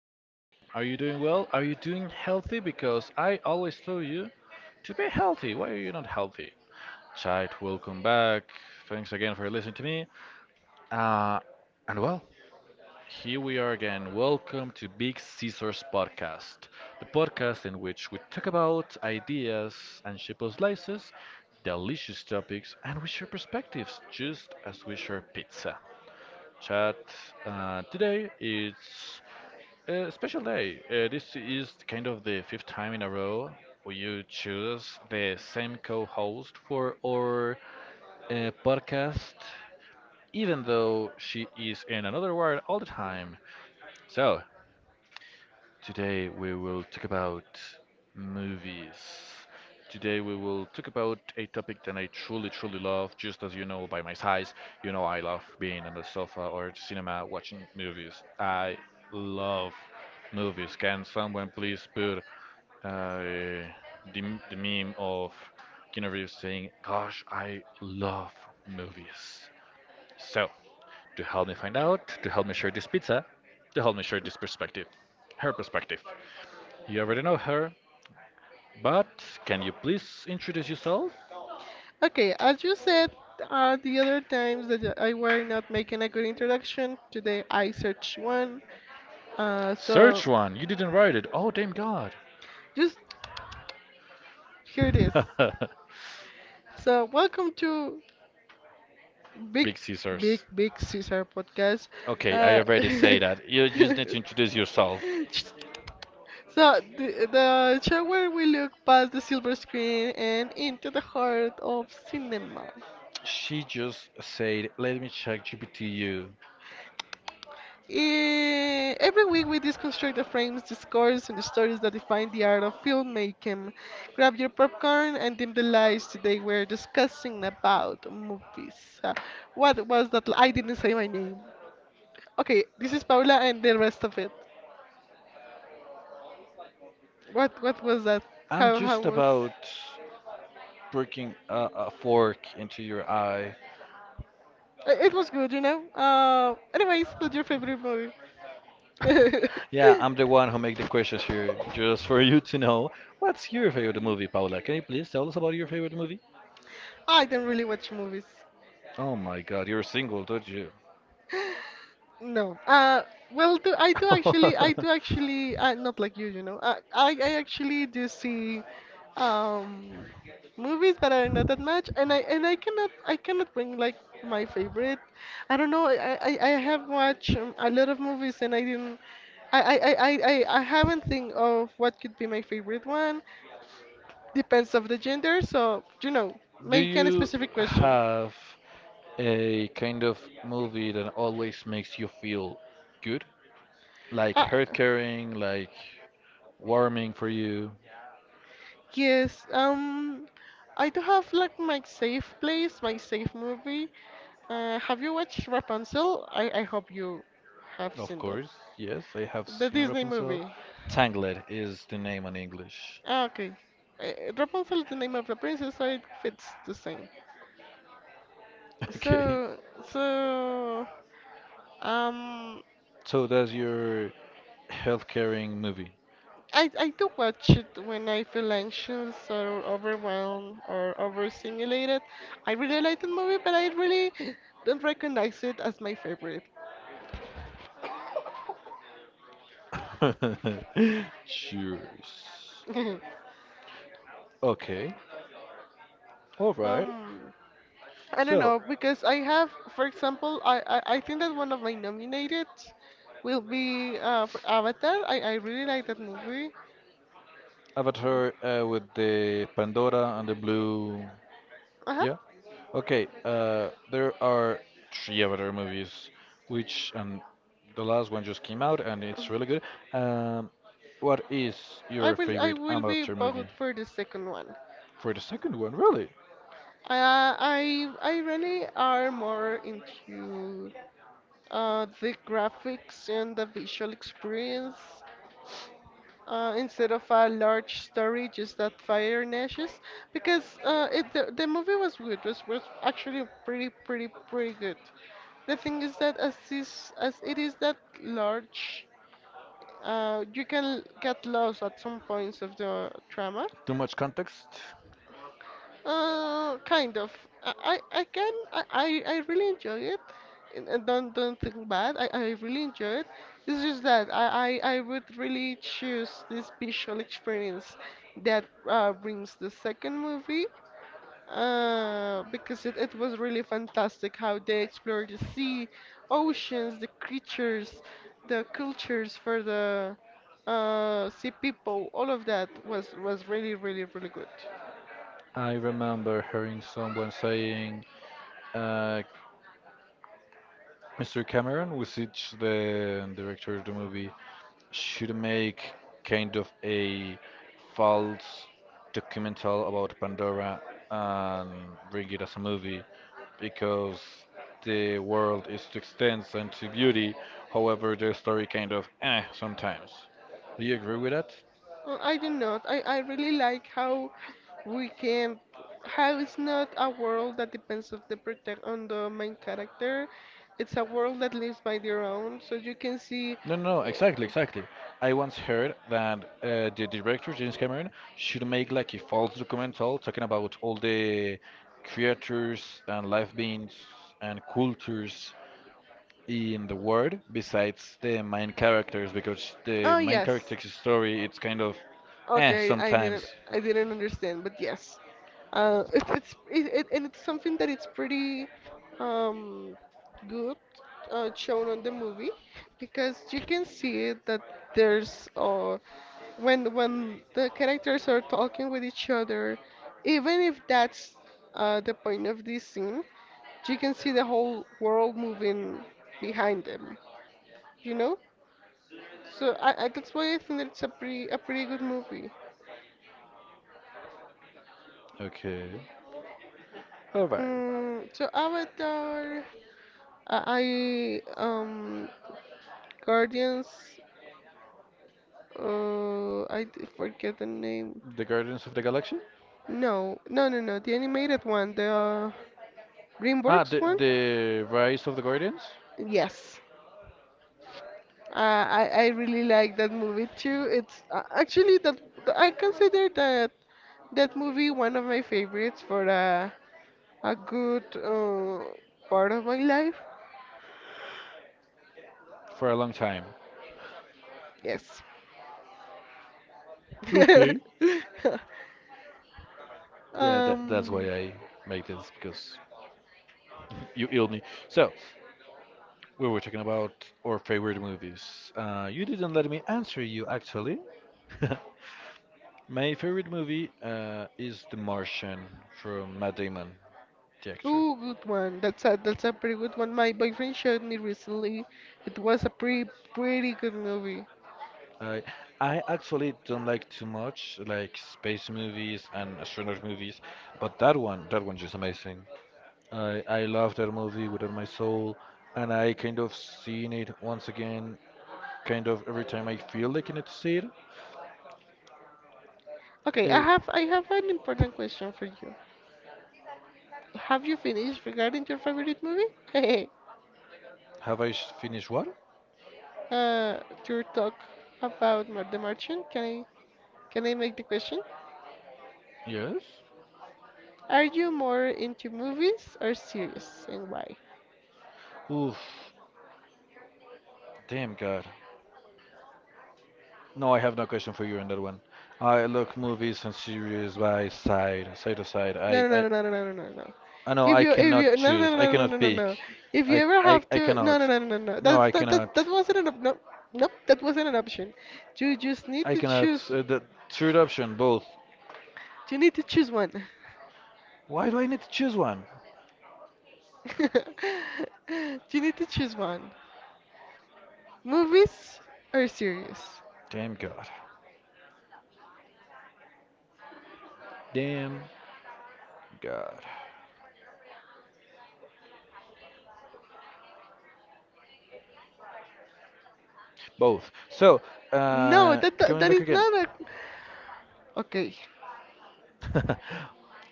How are you? Are you doing well? Are you doing healthy? Because I always tell you to be healthy. Why are you not healthy? Chat, welcome back. Thanks again for listening to me. Uh, and well, here we are again. Welcome to Big Caesars Podcast, the podcast in which we talk about ideas and shape slices, delicious topics, and we share perspectives just as we share pizza chat. Today is a special day. This is kind of the fifth time in a row we you choose the same co-host for our podcast, even though she is in another world all the time. So today we will talk about movies. Today we will talk about a topic that I truly, truly love. Just as you know by my size, you know I love being on the sofa or cinema watching movies. I love movies. Can someone please put uh, the, the meme of Keanu Reeves saying, gosh, I love movies. So, to help me find out, to help me share this pizza, to help me share this perspective, her perspective. You already know her, but can you please introduce yourself? Okay, as you said the other times that I were not making a good introduction, today I searched one. So Search one. You didn't write it. Oh, damn God. just hear this. So welcome to Big, Big scissors. Big Caesar podcast. Okay, I Uh, already say that. You just need to introduce yourself. So the show where we look past the silver screen and into the heart of cinema. She just said, "Let me check GPTU. Every week we deconstruct the frames, the scores, and the stories that define the art of filmmaking. Grab your popcorn and dim the lights. Today we're discussing about movies. What was that? I didn't say my name. Okay, this is Paula and the rest of it. What was that? I'm How just was? about breaking a fork into your eye." It was good, you know. Anyways, what's your favorite movie? Yeah, I'm the one who make the questions here, just for you to know. What's your favorite movie, Paula? Can you please tell us about your favorite movie? I don't really watch movies. Oh my God, you're single, don't you? No. Well, I do actually. I do actually. Not like you know. I actually do see, um, movies, but I not that much. And I cannot. I cannot bring like my favorite. I don't know. I have watched a lot of movies, and I didn't. I, I, I, I, I haven't think of what could be my favorite one. Depends of the gender, so you know, Do make any you specific question. have a kind of movie that always makes you feel good? Like Ah. heart caring, like warming for you? Yes, I do have like my safe place, my safe movie. Have you watched Rapunzel? I hope you have Of seen that. course, yes, I have The seen Disney Rapunzel. movie. Tangled is the name in English. Ah, okay. Rapunzel is the name of the princess, so it fits the same. Okay. So, so, um, So that's your health caring movie. I do watch it when I feel anxious or overwhelmed or overstimulated. I really like the movie, but I really don't recognize it as my favorite. Cheers. Okay. All right. Um, I don't So, know because I have, for example, I think that one of my nominated will be for Avatar. I really like that movie. Avatar with the Pandora and the blue. Uh-huh. Yeah. Okay. There are three Avatar movies, which and the last one just came out, and it's really good. Um, what is your I favorite will be Avatar movie? vote for the second one. For the second one, really? I really are more into the graphics and the visual experience. Instead of a large story, just that fire and ashes. Because the movie was good. It was actually pretty good. The thing is that as it is that large, you can get lost at some points of the drama. Too much context. Kind of. I can. I really enjoy it. And don't think bad. I really enjoy it. It's just that I would really choose this visual experience that brings the second movie. Because it was really fantastic how they explored the sea, oceans, the creatures, the cultures for the sea people. All of that was really really really good. I remember hearing someone saying, uh, "Mr. Cameron, was it the director of the movie, should make kind of a false documental about Pandora and bring it as a movie because the world is too extensive and too beauty. However, the story kind of eh sometimes. Do you agree with that? I do not. I really like how we can how it's not a world that depends of the protect on the main character. It's a world that lives by their own. So you can see. No, no, no, eh, exactly, exactly. I once heard that the director James Cameron should make like a false documental talking about all the creatures and life beings and cultures in the world besides the main characters because the Oh main yes. character's story it's kind of eh Okay, sometimes. I didn't understand, but yes. It, it's it, it, And it's something that it's pretty um good shown on the movie because you can see it that there's when the characters are talking with each other, even if that's the point of this scene, you can see the whole world moving behind them. You know, so I that's why I think that it's a pretty good movie. Okay. All right. So Avatar, I I, um Guardians. Forget the name. The Guardians of the Galaxy? No, No. The animated one, the Ah, DreamWorks one. the Rise of the Guardians Yes. I really like that movie too. It's actually that I consider that movie one of my favorites for a good part of my life. for a long time. Yes. Okay. Yeah, that's Um. why I make this because you illed me. So, we were talking about our favorite movies. You didn't let me answer you actually. My favorite movie is The Martian from Matt Damon. Yeah, true. Ooh, good one. That's a pretty good one. My boyfriend showed me recently. It was a pretty pretty good movie. I I actually don't like too much like space movies and astronaut movies, but that one, that one's just amazing. I love that movie with all my soul, and I kind of seen it once again, kind of every time I feel like I need to see it. Okay, Uh, I have an important question for you. Have you finished regarding your favorite movie? have I s- finished what? uh, your talk about The Merchant, can I make the question? Yes. Are you more into movies or series, and why? Oof, damn God. No, I have no question for you on that one. I look movies and series by side, side to side. No, I, no, I, no, no, no, no, no, no, no. I know I If cannot you, No, choose. no, I no, no, no, no, cannot no, pick. no. If you I ever I, have I to, no, no, cannot. no, no, no, no. No, That's I that that cannot. That wasn't an no, nope. That wasn't an option. You just need I to cannot. choose. The third option, both. You need to choose one. Why do I need to choose one? You need to choose one. Movies or series? Damn God. Damn God. Both. So, No, coming that back is again. not a. Okay.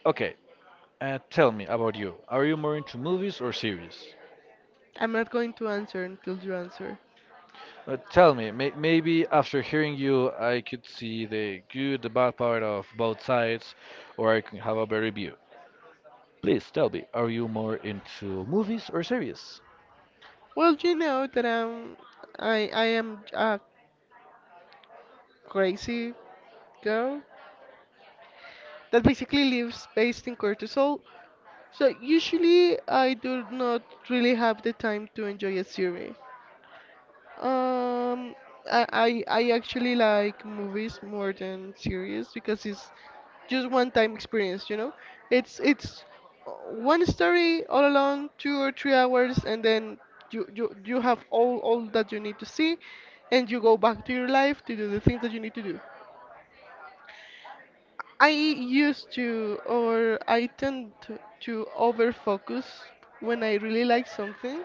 Okay, tell me about you. Are you more into movies or series? I'm not going to answer until you answer. Tell me, maybe after hearing you, I could see the good, the bad part of both sides, or I can have a better view. Please tell me, are you more into movies or series? Well, you know that I am a crazy girl that basically lives based in cortisol. So usually I do not really have the time to enjoy a series. Um I actually like movies more than series because it's just one time experience you know it's one story all along 2 or 3 hours and then you have all that you need to see and you go back to your life to do the things that you need to do. I used to or I tend to over focus when I really like something,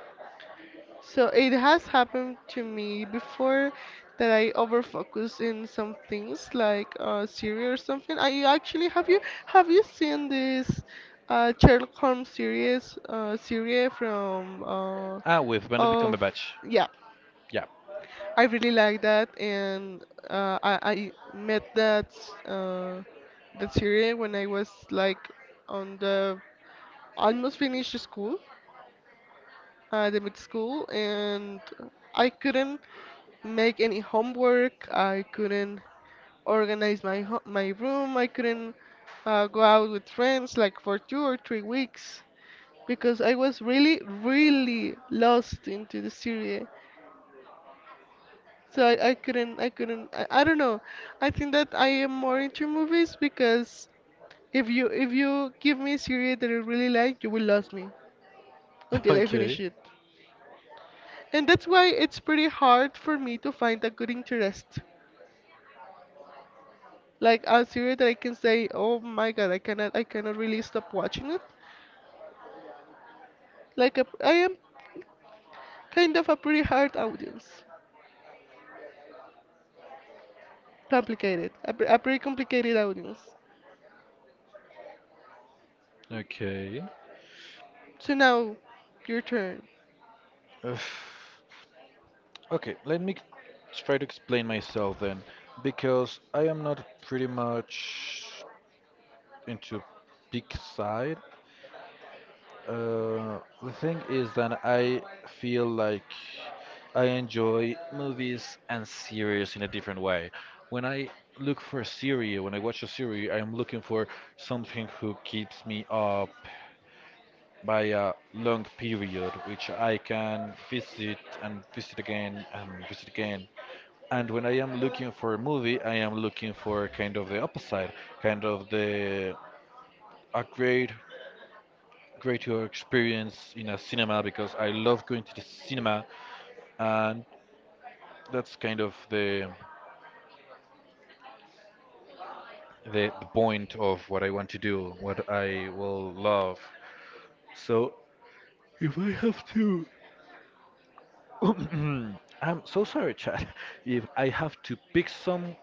so it has happened to me before that I overfocus in some things like series or something. I actually have you seen this Sherlock Holmes series from Ah, with Benedict of Cumberbatch. yeah. Yeah. I really like that and I met uh that series when I was like on the almost finished school the mid school and I couldn't make any homework. I couldn't organize my my room. I couldn't go out with friends like for 2 or 3 weeks because I was really, really lost into the series. So I couldn't, I don't know. I think that I am more into movies because if you give me a series that I really like, you will lose me until I finish Okay. it. And that's why it's pretty hard for me to find a good interest. Like a series that I can say, oh my god, I cannot really stop watching it. Like a, I am kind of a pretty hard audience, complicated, a pretty complicated audience. Okay. So now, your turn. Ugh. Okay, let me try to explain myself then, because I am not pretty much into big side. The thing is that I feel like I enjoy movies and series in a different way. When I look for a series, when I watch a series, I'm looking for something who keeps me up by a long period, which I can visit and visit again and visit again. And when I am looking for a movie, I am looking for kind of the opposite, kind of the a great greater experience in a cinema because I love going to the cinema, and that's kind of the point of what I want to do, what I will love. So if I have to, I'm so sorry, Chad. If I have to pick some,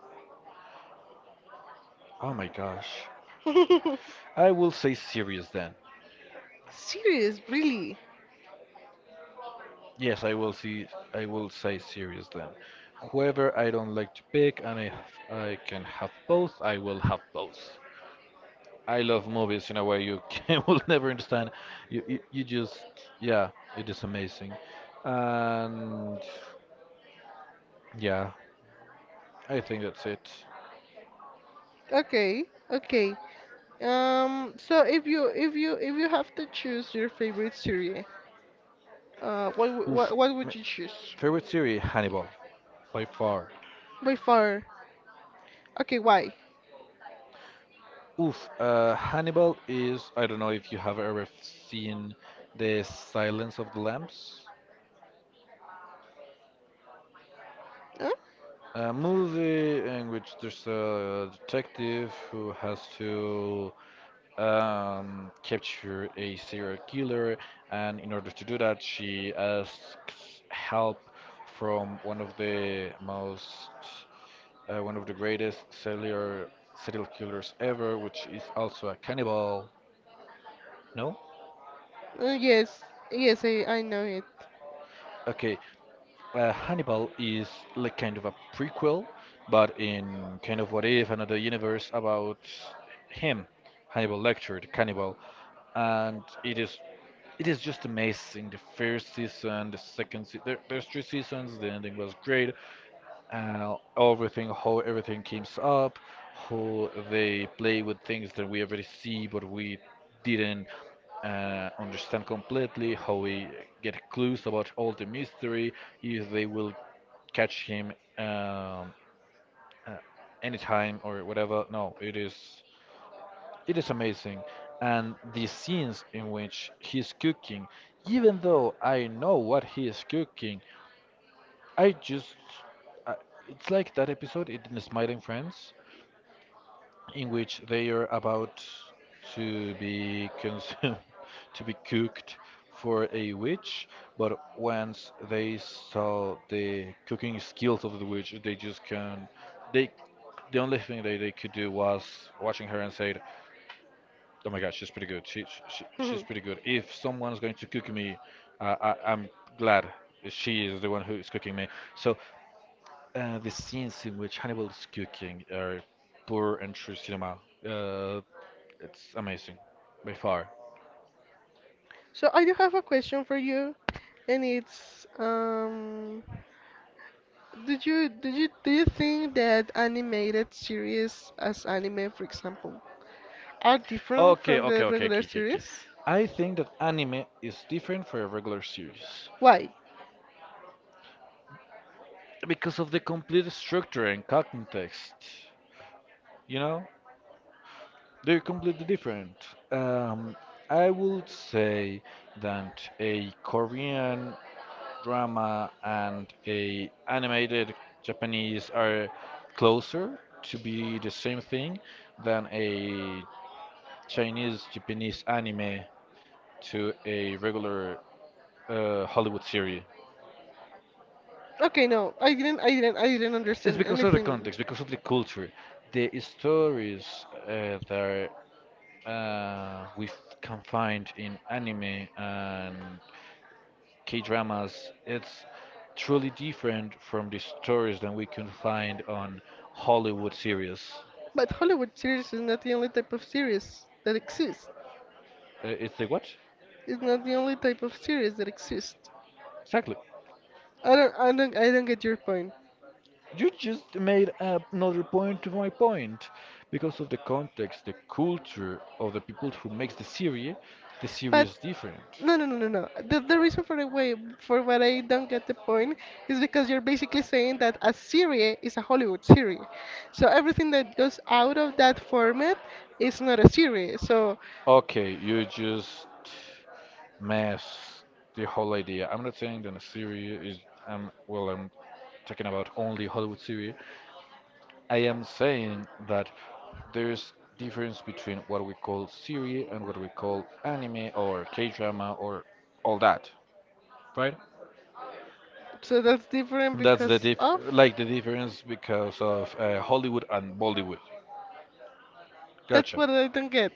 oh my gosh, I will say serious then. Serious, really? Yes, I will see. I will say serious then. Whoever I don't like to pick, and if I can have both, I will have both. I love movies in a way you can, will never understand. You just yeah, it is amazing, and yeah, I think that's it. Okay, okay. So if you have to choose your favorite series, Oof, what would my you choose? favorite series Hannibal by far. By far. Okay, why? Oof, Hannibal is I don't know if you have ever seen the Silence of the Lambs, Huh? a movie in which there's a detective who has to capture a serial killer, and in order to do that, she asks help from one of the most, one of the greatest serial killers ever, which is also a cannibal. No? Yes, yes, I know it. Okay, Hannibal is like kind of a prequel, but in kind of what if another universe about him, Hannibal Lecter, the cannibal, and it is just amazing. The first season, the second se- there's three seasons. The ending was great, everything, how everything comes up, how they play with things that we already see but we didn't understand completely, how we get clues about all the mystery, if they will catch him, um, uh, anytime or whatever. No, it is amazing. And the scenes in which he's cooking, even though I know what he is cooking, I just, I, it's like that episode in Smiling Friends, in which they are about to be consumed, to be cooked for a witch, but once they saw the cooking skills of the witch, they just can, they, the only thing that they could do was watching her and said, "Oh my God, she's pretty good. She's pretty good. If someone's going to cook me, I'm glad she is the one who is cooking me." So the scenes in which Hannibal is cooking are pure and true cinema. Uh, it's amazing, by far. So I do have a question for you, and it's did you do you think that animated series as anime, for example, are different Okay, from okay, the okay, regular okay, okay, okay. series? I think that anime is different for a regular series Why? because of the complete structure and context. You know, they're completely different. Um, I would say that a Korean drama and a animated Japanese are closer to be the same thing than a Chinese Japanese anime to a regular Hollywood series. Okay, no, I didn't It's understand because of the anything. context, because of the culture, the stories that we f- can find in anime and K dramas, it's truly different from the stories that we can find on Hollywood series. But Hollywood series is not the only type of series that exists. It's the what? It's not the only type of series that exists. Exactly. I don't get your point. You just made a- another point to my point. Because of the context, the culture of the people who makes the But series is different. No, no, no, no, no. The reason for the way for what I don't get the point is because you're basically saying that a serie is a Hollywood series. So everything that goes out of that format is not a series. So Okay, you just mess the whole idea. I'm not saying that a series is well I'm talking about only Hollywood series, I am saying that there's difference between what we call serie and what we call anime or K-drama or all that, right? That's different And that's the because dif of like the difference because of Hollywood and Bollywood. that's Gotcha. what I don't get.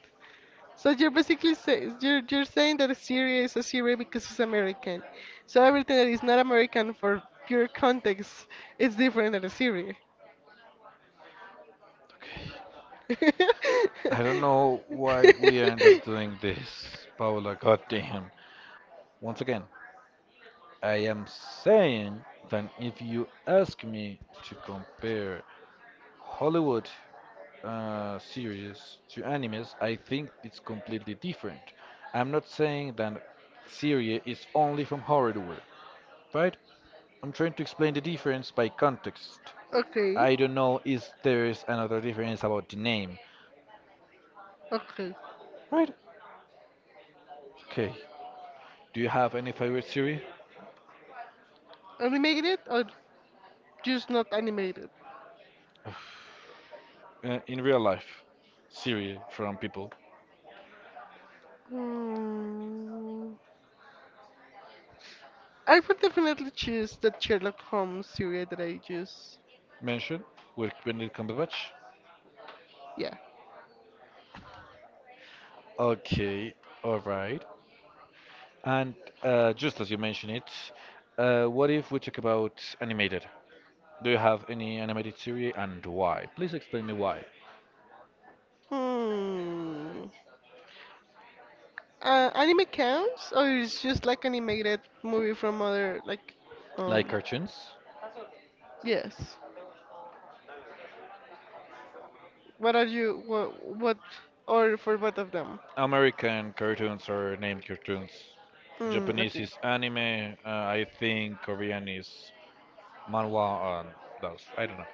So you're basically you're saying that a series is a series because it's American. So everything that is not American for pure context is different than a series. I don't know why we end up doing this, Paola. Goddamn. Once again, I am saying that if you ask me to compare Hollywood series to animes, I think it's completely different. I'm not saying that serie is only from Horrorware, right? I'm trying to explain the difference by context. Okay. I don't know if there is another difference about the name, Okay. right? Okay. Do you have any favorite series Animated or just not animated? In real life? Series from people Hmm. I would definitely choose that Sherlock Holmes series that I just. mentioned with Benedict Cumberbatch. Yeah. Okay, all right. And just as you mentioned it, what if we talk about animated? Do you have any animated series and why? Please explain me why. Hmm. Anime counts or it's just like animated movie from other like Like um cartoons? yes. What are you what or for both of them? American cartoons are named cartoons. Hmm. Japanese Okay. is anime. I think Korean is manhwa and those. I don't know.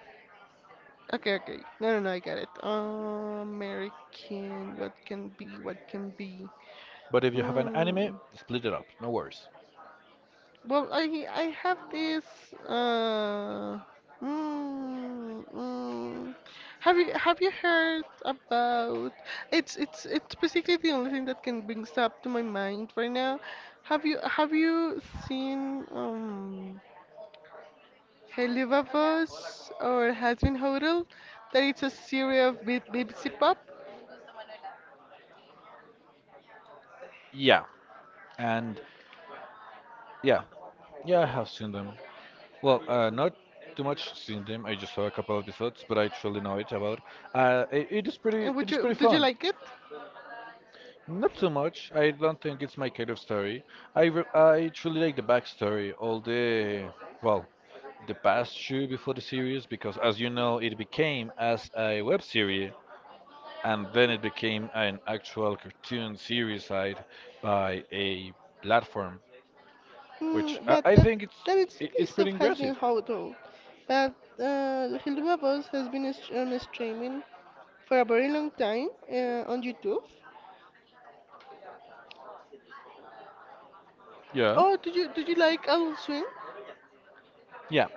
Okay. No. I got it. American. What can be? But if you have an anime, Hmm. split it up. No worries. Well, I have this. Uh, mm, mm, have you have you heard about? It's basically the only thing that can brings up to my mind right now. Have you seen Helivavos or Has Been Hodel? That it's a series of BBC Pop. Yeah. And yeah, yeah, I have seen them. Well, not too much seen them. I just saw a couple of episodes, but I truly know it about. It is pretty. And It would is you pretty did you fun. like it? Not too much. I don't think it's my kind of story. I truly like the backstory, all the, well, the past shoe before the series, because as you know, it became as a web series, and then it became an actual cartoon series side by a platform, which Mm, I, but I that think it's that it, exactly it's stuff pretty has been impressive. how told. But Hilduba Boss has been on streaming for a very long time on YouTube. Yeah, Oh, did you like Adult Swim? yeah,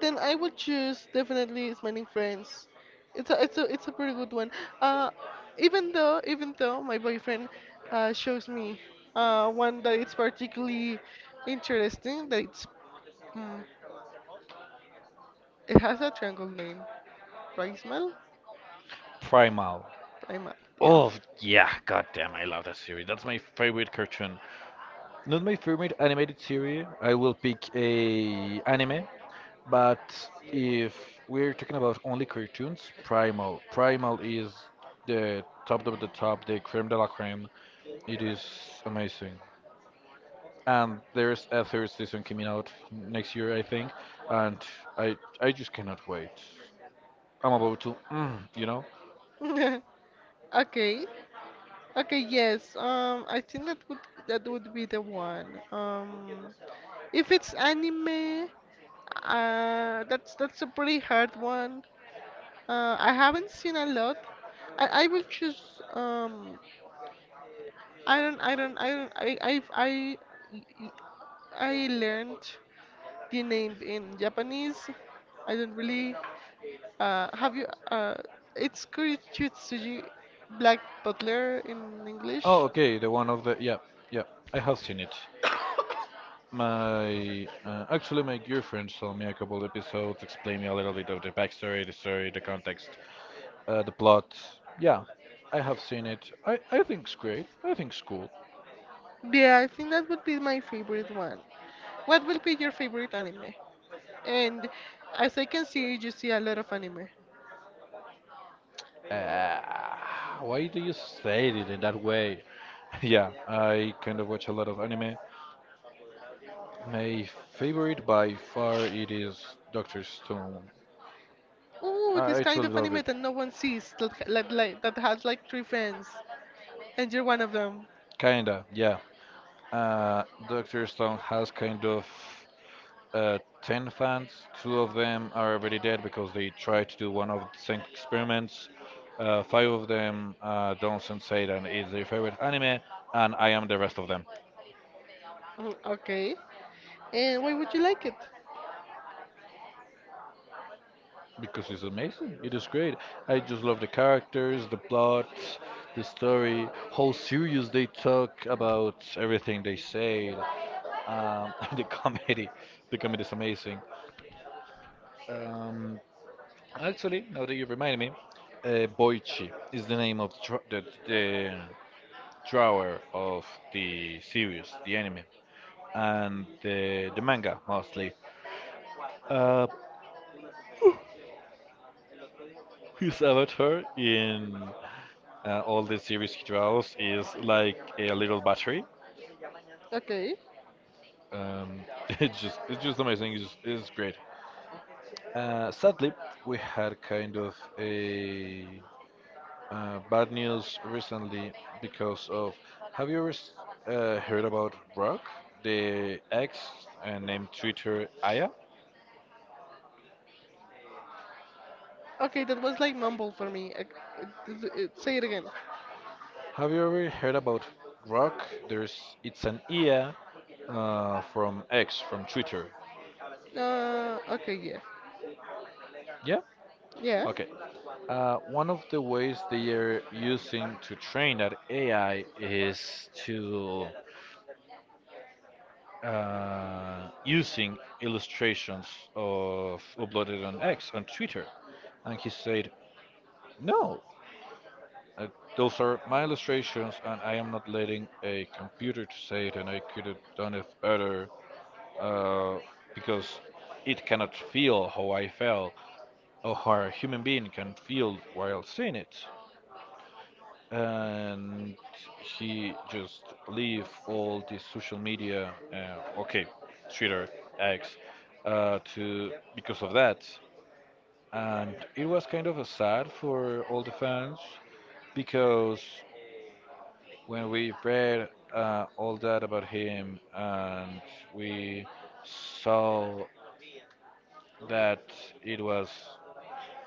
Then I would choose definitely Smiling Friends. It's a pretty good one. Uh, Even though my boyfriend shows me one that it's particularly interesting that mm, it has a triangle name. Prismal? Primal. Primal, yeah. Oh yeah, God damn! I love that series. That's my favorite cartoon. Not my favorite animated series. I will pick a anime, but if we're talking about only cartoons, Primal. Primal is the top of the top, the creme de la creme. It is amazing. And there's a third season coming out next year, I think, and I just cannot wait. I'm about to, Okay. Okay, yes. I think that would be the one. Um, if it's anime, that's a pretty hard one. I haven't seen a lot. I will choose. I don't. I don't. I don't. I I've, I learned the name in Japanese. I don't really. Have you? Uh, it's Kuritsutsuji Black Butler in English. Oh, okay, the one of the yeah, yeah. I have seen it. My actually, my girlfriend saw me a couple episodes, explained me a little bit of the backstory, the story, the context, the plot. Yeah, I have seen it. I think it's great. I think it's cool. Yeah, I think that would be my favorite one. What will be your favorite anime? And as I can see, you see a lot of anime. Uh, why do you say it in that way? Yeah, I kind of watch a lot of anime. My favorite by far it is Doctor Stone. Ooh, this I kind truly of love anime it. that no one sees, like, that has like three fans, and you're one of them. Kinda, yeah. Uh, Doctor Stone has kind of 10 fans. Two of them are already dead because they tried to do one of the same experiments. Five of them, Don Seidan is their favorite anime, and I am the rest of them Mm, okay. And why would you like it? because it's amazing. It is great. I just love the characters, the plot, the story, how serious they talk about everything they say. The comedy. The comedy is amazing. Um, actually, now that you remind me, Boichi is the name of the, the drawer of the series, the anime, and the manga mostly. Uh, his avatar in all the series he draws is like a little battery. Okay. It's just amazing. It's great. Sadly, we had kind of a bad news recently because of. Have you ever s- heard about Rock, the ex named Twitter Aya? Okay, that was like mumble for me. It- Say it again. Have you ever heard about Grok? There's it's an IA from X from Twitter. Okay, yeah. Yeah. Yeah, Okay. One of the ways they are using to train that AI is to using illustrations of uploaded on X on Twitter, and he said, "No, uh, those are my illustrations, and I am not letting a computer to say it, and I could have done it better." uh, because it cannot feel how I felt or how a human being can feel while seeing it. And he just leave all the social media, okay, Twitter, X, to because of that. And it was kind of a sad for all the fans because when we read all that about him and we saw that it was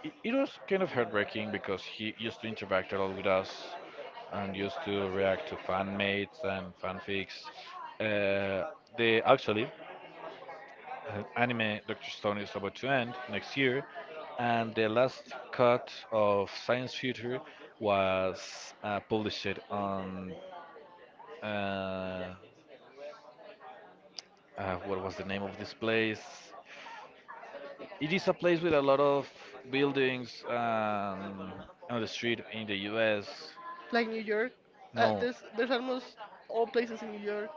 it was kind of heartbreaking because he used to interact a lot with us and used to react to fan mates and fanfics. Uh, they actually, anime Doctor Stone is about to end next year, and the last cut of Science Future was published on uh, what was the name of this place? It is a place with a lot of buildings on the street in the US. like New York. No, There's almost all places in New York,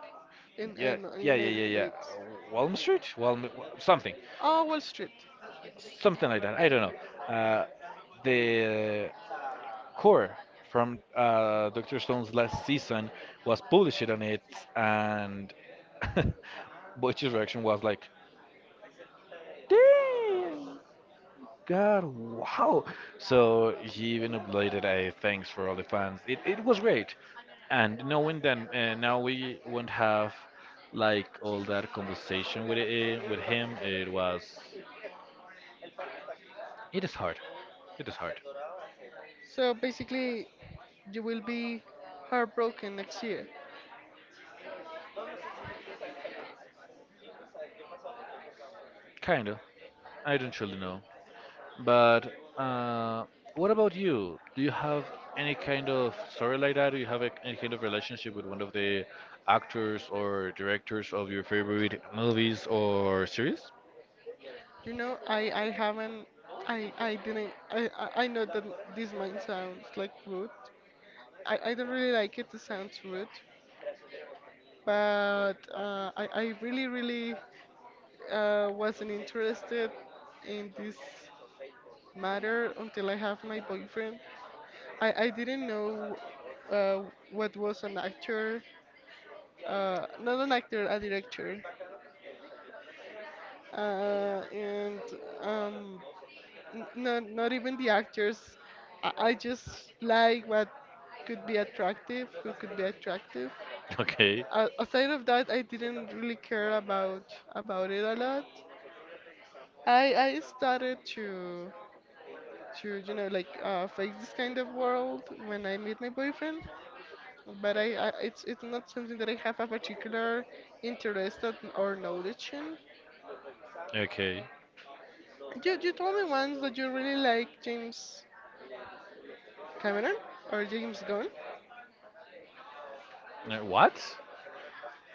yeah, in the yeah, yeah, United yeah, yeah. States. Walm Street? Walm, something, Oh, Wall Street. something like that. I don't know. The core from Doctor Stone's last season was published on it, and Butch's reaction was like, "Damn!" God, wow. So he even uploaded a thanks for all the fans. It was great. And knowing that now we won't have like all that conversation with it, with him, it was it is hard. It is hard. So basically, you will be heartbroken next year. Kinda. I don't really know. But what about you? Do you have any kind of story like that? Do you have a, any kind of relationship with one of the actors or directors of your favorite movies or series? You know, I haven't, I didn't, I know that this might sound like rude. I don't really like it. It sounds rude, but I really wasn't interested in this matter until I have my boyfriend. I didn't know uh, what was not an actor, a director. uh, and um, Not not even the actors. I just like what could be attractive, who could be attractive. Okay. Aside of that, I didn't really care about it a lot. I started to you know like face this kind of world when I meet my boyfriend, but I it's not something that I have a particular interest at, or knowledge in. Okay. You told me once that you really like James Cameron or James Gunn? What?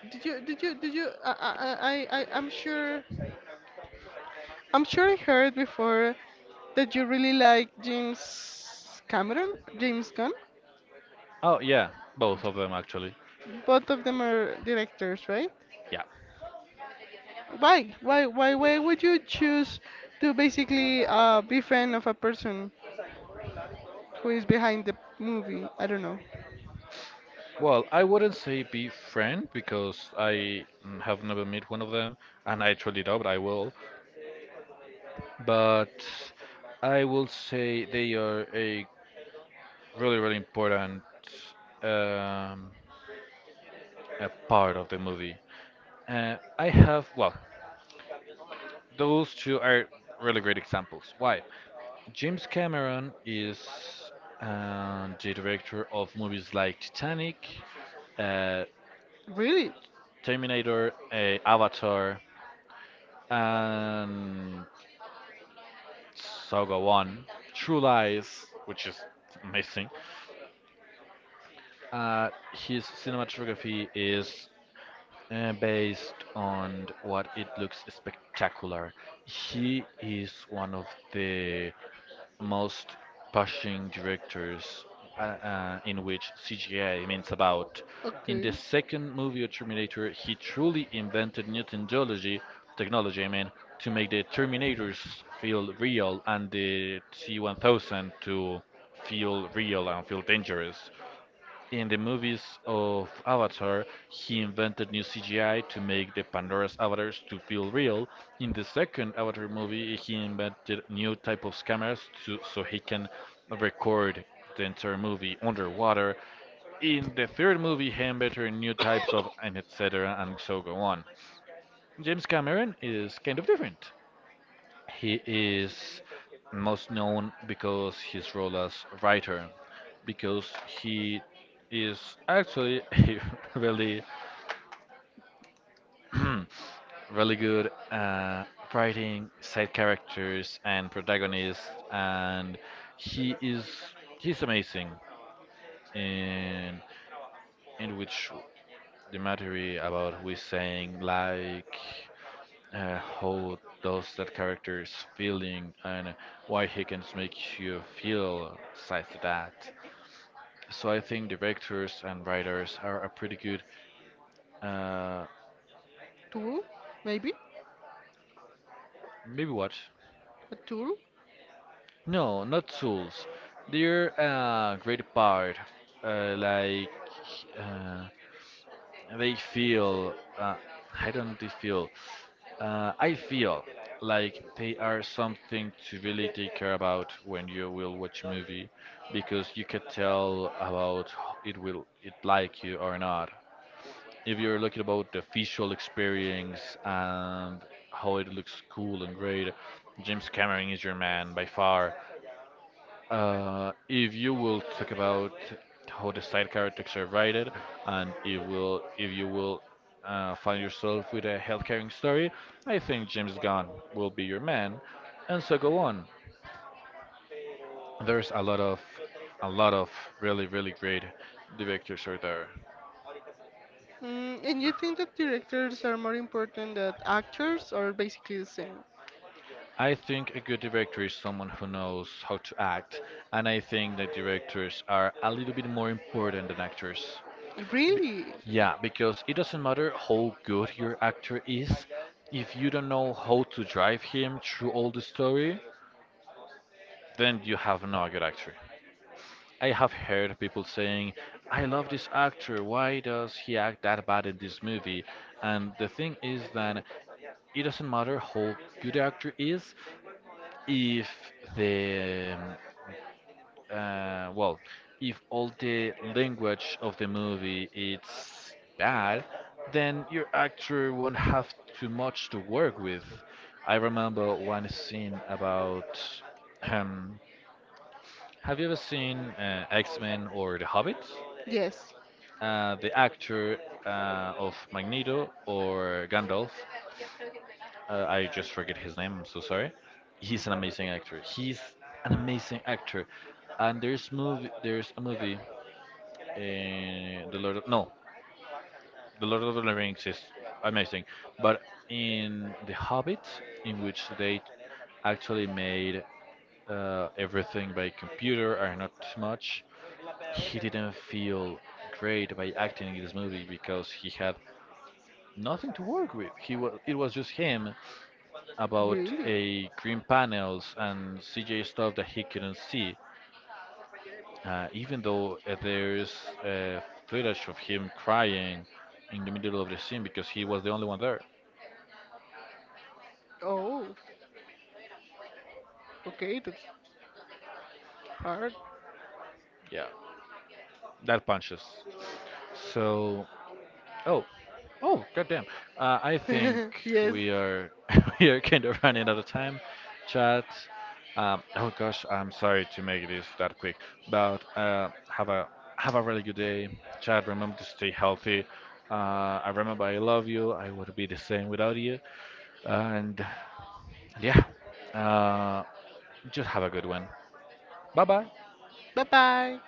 Did you did you did you I- I'm sure I heard before that you really like James Cameron, James Gunn. Oh, yeah, both of them actually. Both of them are directors, right? Yeah. Why would you choose to basically be fan of a person who is behind the movie? I don't know. Well, I wouldn't say be friend because have never met one of them, and I truly doubt I will. But I will say they are a really, really important um, a part of the movie. I have, well, those two are really great examples. Why? James Cameron is the director of movies like Titanic, uh, Really? Terminator, Avatar, and so go on. True Lies, which is amazing. His cinematography is based on what it looks spectacular. He is one of the most pushing directors in which CGI means about. In the Okay. second movie of Terminator, he truly invented new technology, technology, I mean, to make the Terminators feel real and the T-1000 to feel real and feel dangerous. In the movies of Avatar, he invented new CGI to make the Pandora's avatars to feel real. In the second Avatar movie, he invented new type of cameras to so he can record the entire movie underwater. In the third movie, he invented new types of and etc. and so go on. James Cameron is kind of different. He is most known because his role as writer, because he is actually a really, really good writing side characters and protagonists, and he is he's amazing in in which the matter about we saying like. How does that character's feeling and why he can make you feel like that. So I think directors and writers are a pretty good uh, Tool? Maybe? maybe what? A tool? No, not tools. They're a great part. Uh, like uh, they feel uh, I don't they feel. I feel like they are something to really take care about when you will watch a movie because you could tell about it will it like you or not. If you're looking about the visual experience and how it looks cool and great, James Cameron is your man by far. If you will talk about how the side characters are rated, and if will if you will find yourself with a health-caring story, I think James Gunn will be your man, and so go on. There's a lot of really really great directors out there. Mm, and you think that directors are more important than actors, or basically the same? I think a good director is someone who knows how to act, and I think that directors are a little bit more important than actors. Really? Yeah, because it doesn't matter how good your actor is, if you don't know how to drive him through all the story, then you have not a good actor. I have heard people saying, I love this actor, why does he act that bad in this movie? And the thing is that it doesn't matter how good the actor is, if the well, if all the language of the movie it's bad, then your actor won't have too much to work with. I remember one scene about um, have you ever seen X-Men or The Hobbit? Yes. The actor of Magneto or Gandalf, I just forget his name. I'm so sorry. He's an amazing actor. He's an amazing actor. And there's a movie the Lord, no, the Lord of the Rings is amazing, but in The Hobbit, in which they actually made everything by computer and not much, he didn't feel great by acting in this movie because he had nothing to work with. He was it was just him about Really? a green panels and CJ stuff that he couldn't see. Even though there's uh, footage of him crying in the middle of the scene because he was the only one there. Oh, okay, that's hard. Yeah, that punches. So, oh, oh, goddamn. I think Yes. we are we are kind of running out of time. Chat. Oh gosh, I'm sorry to make this that quick, but have a really good day, Chad. Remember to stay healthy. I remember I love you. I would be the same without you. And And yeah, uh, just have a good one. Bye bye. Bye bye.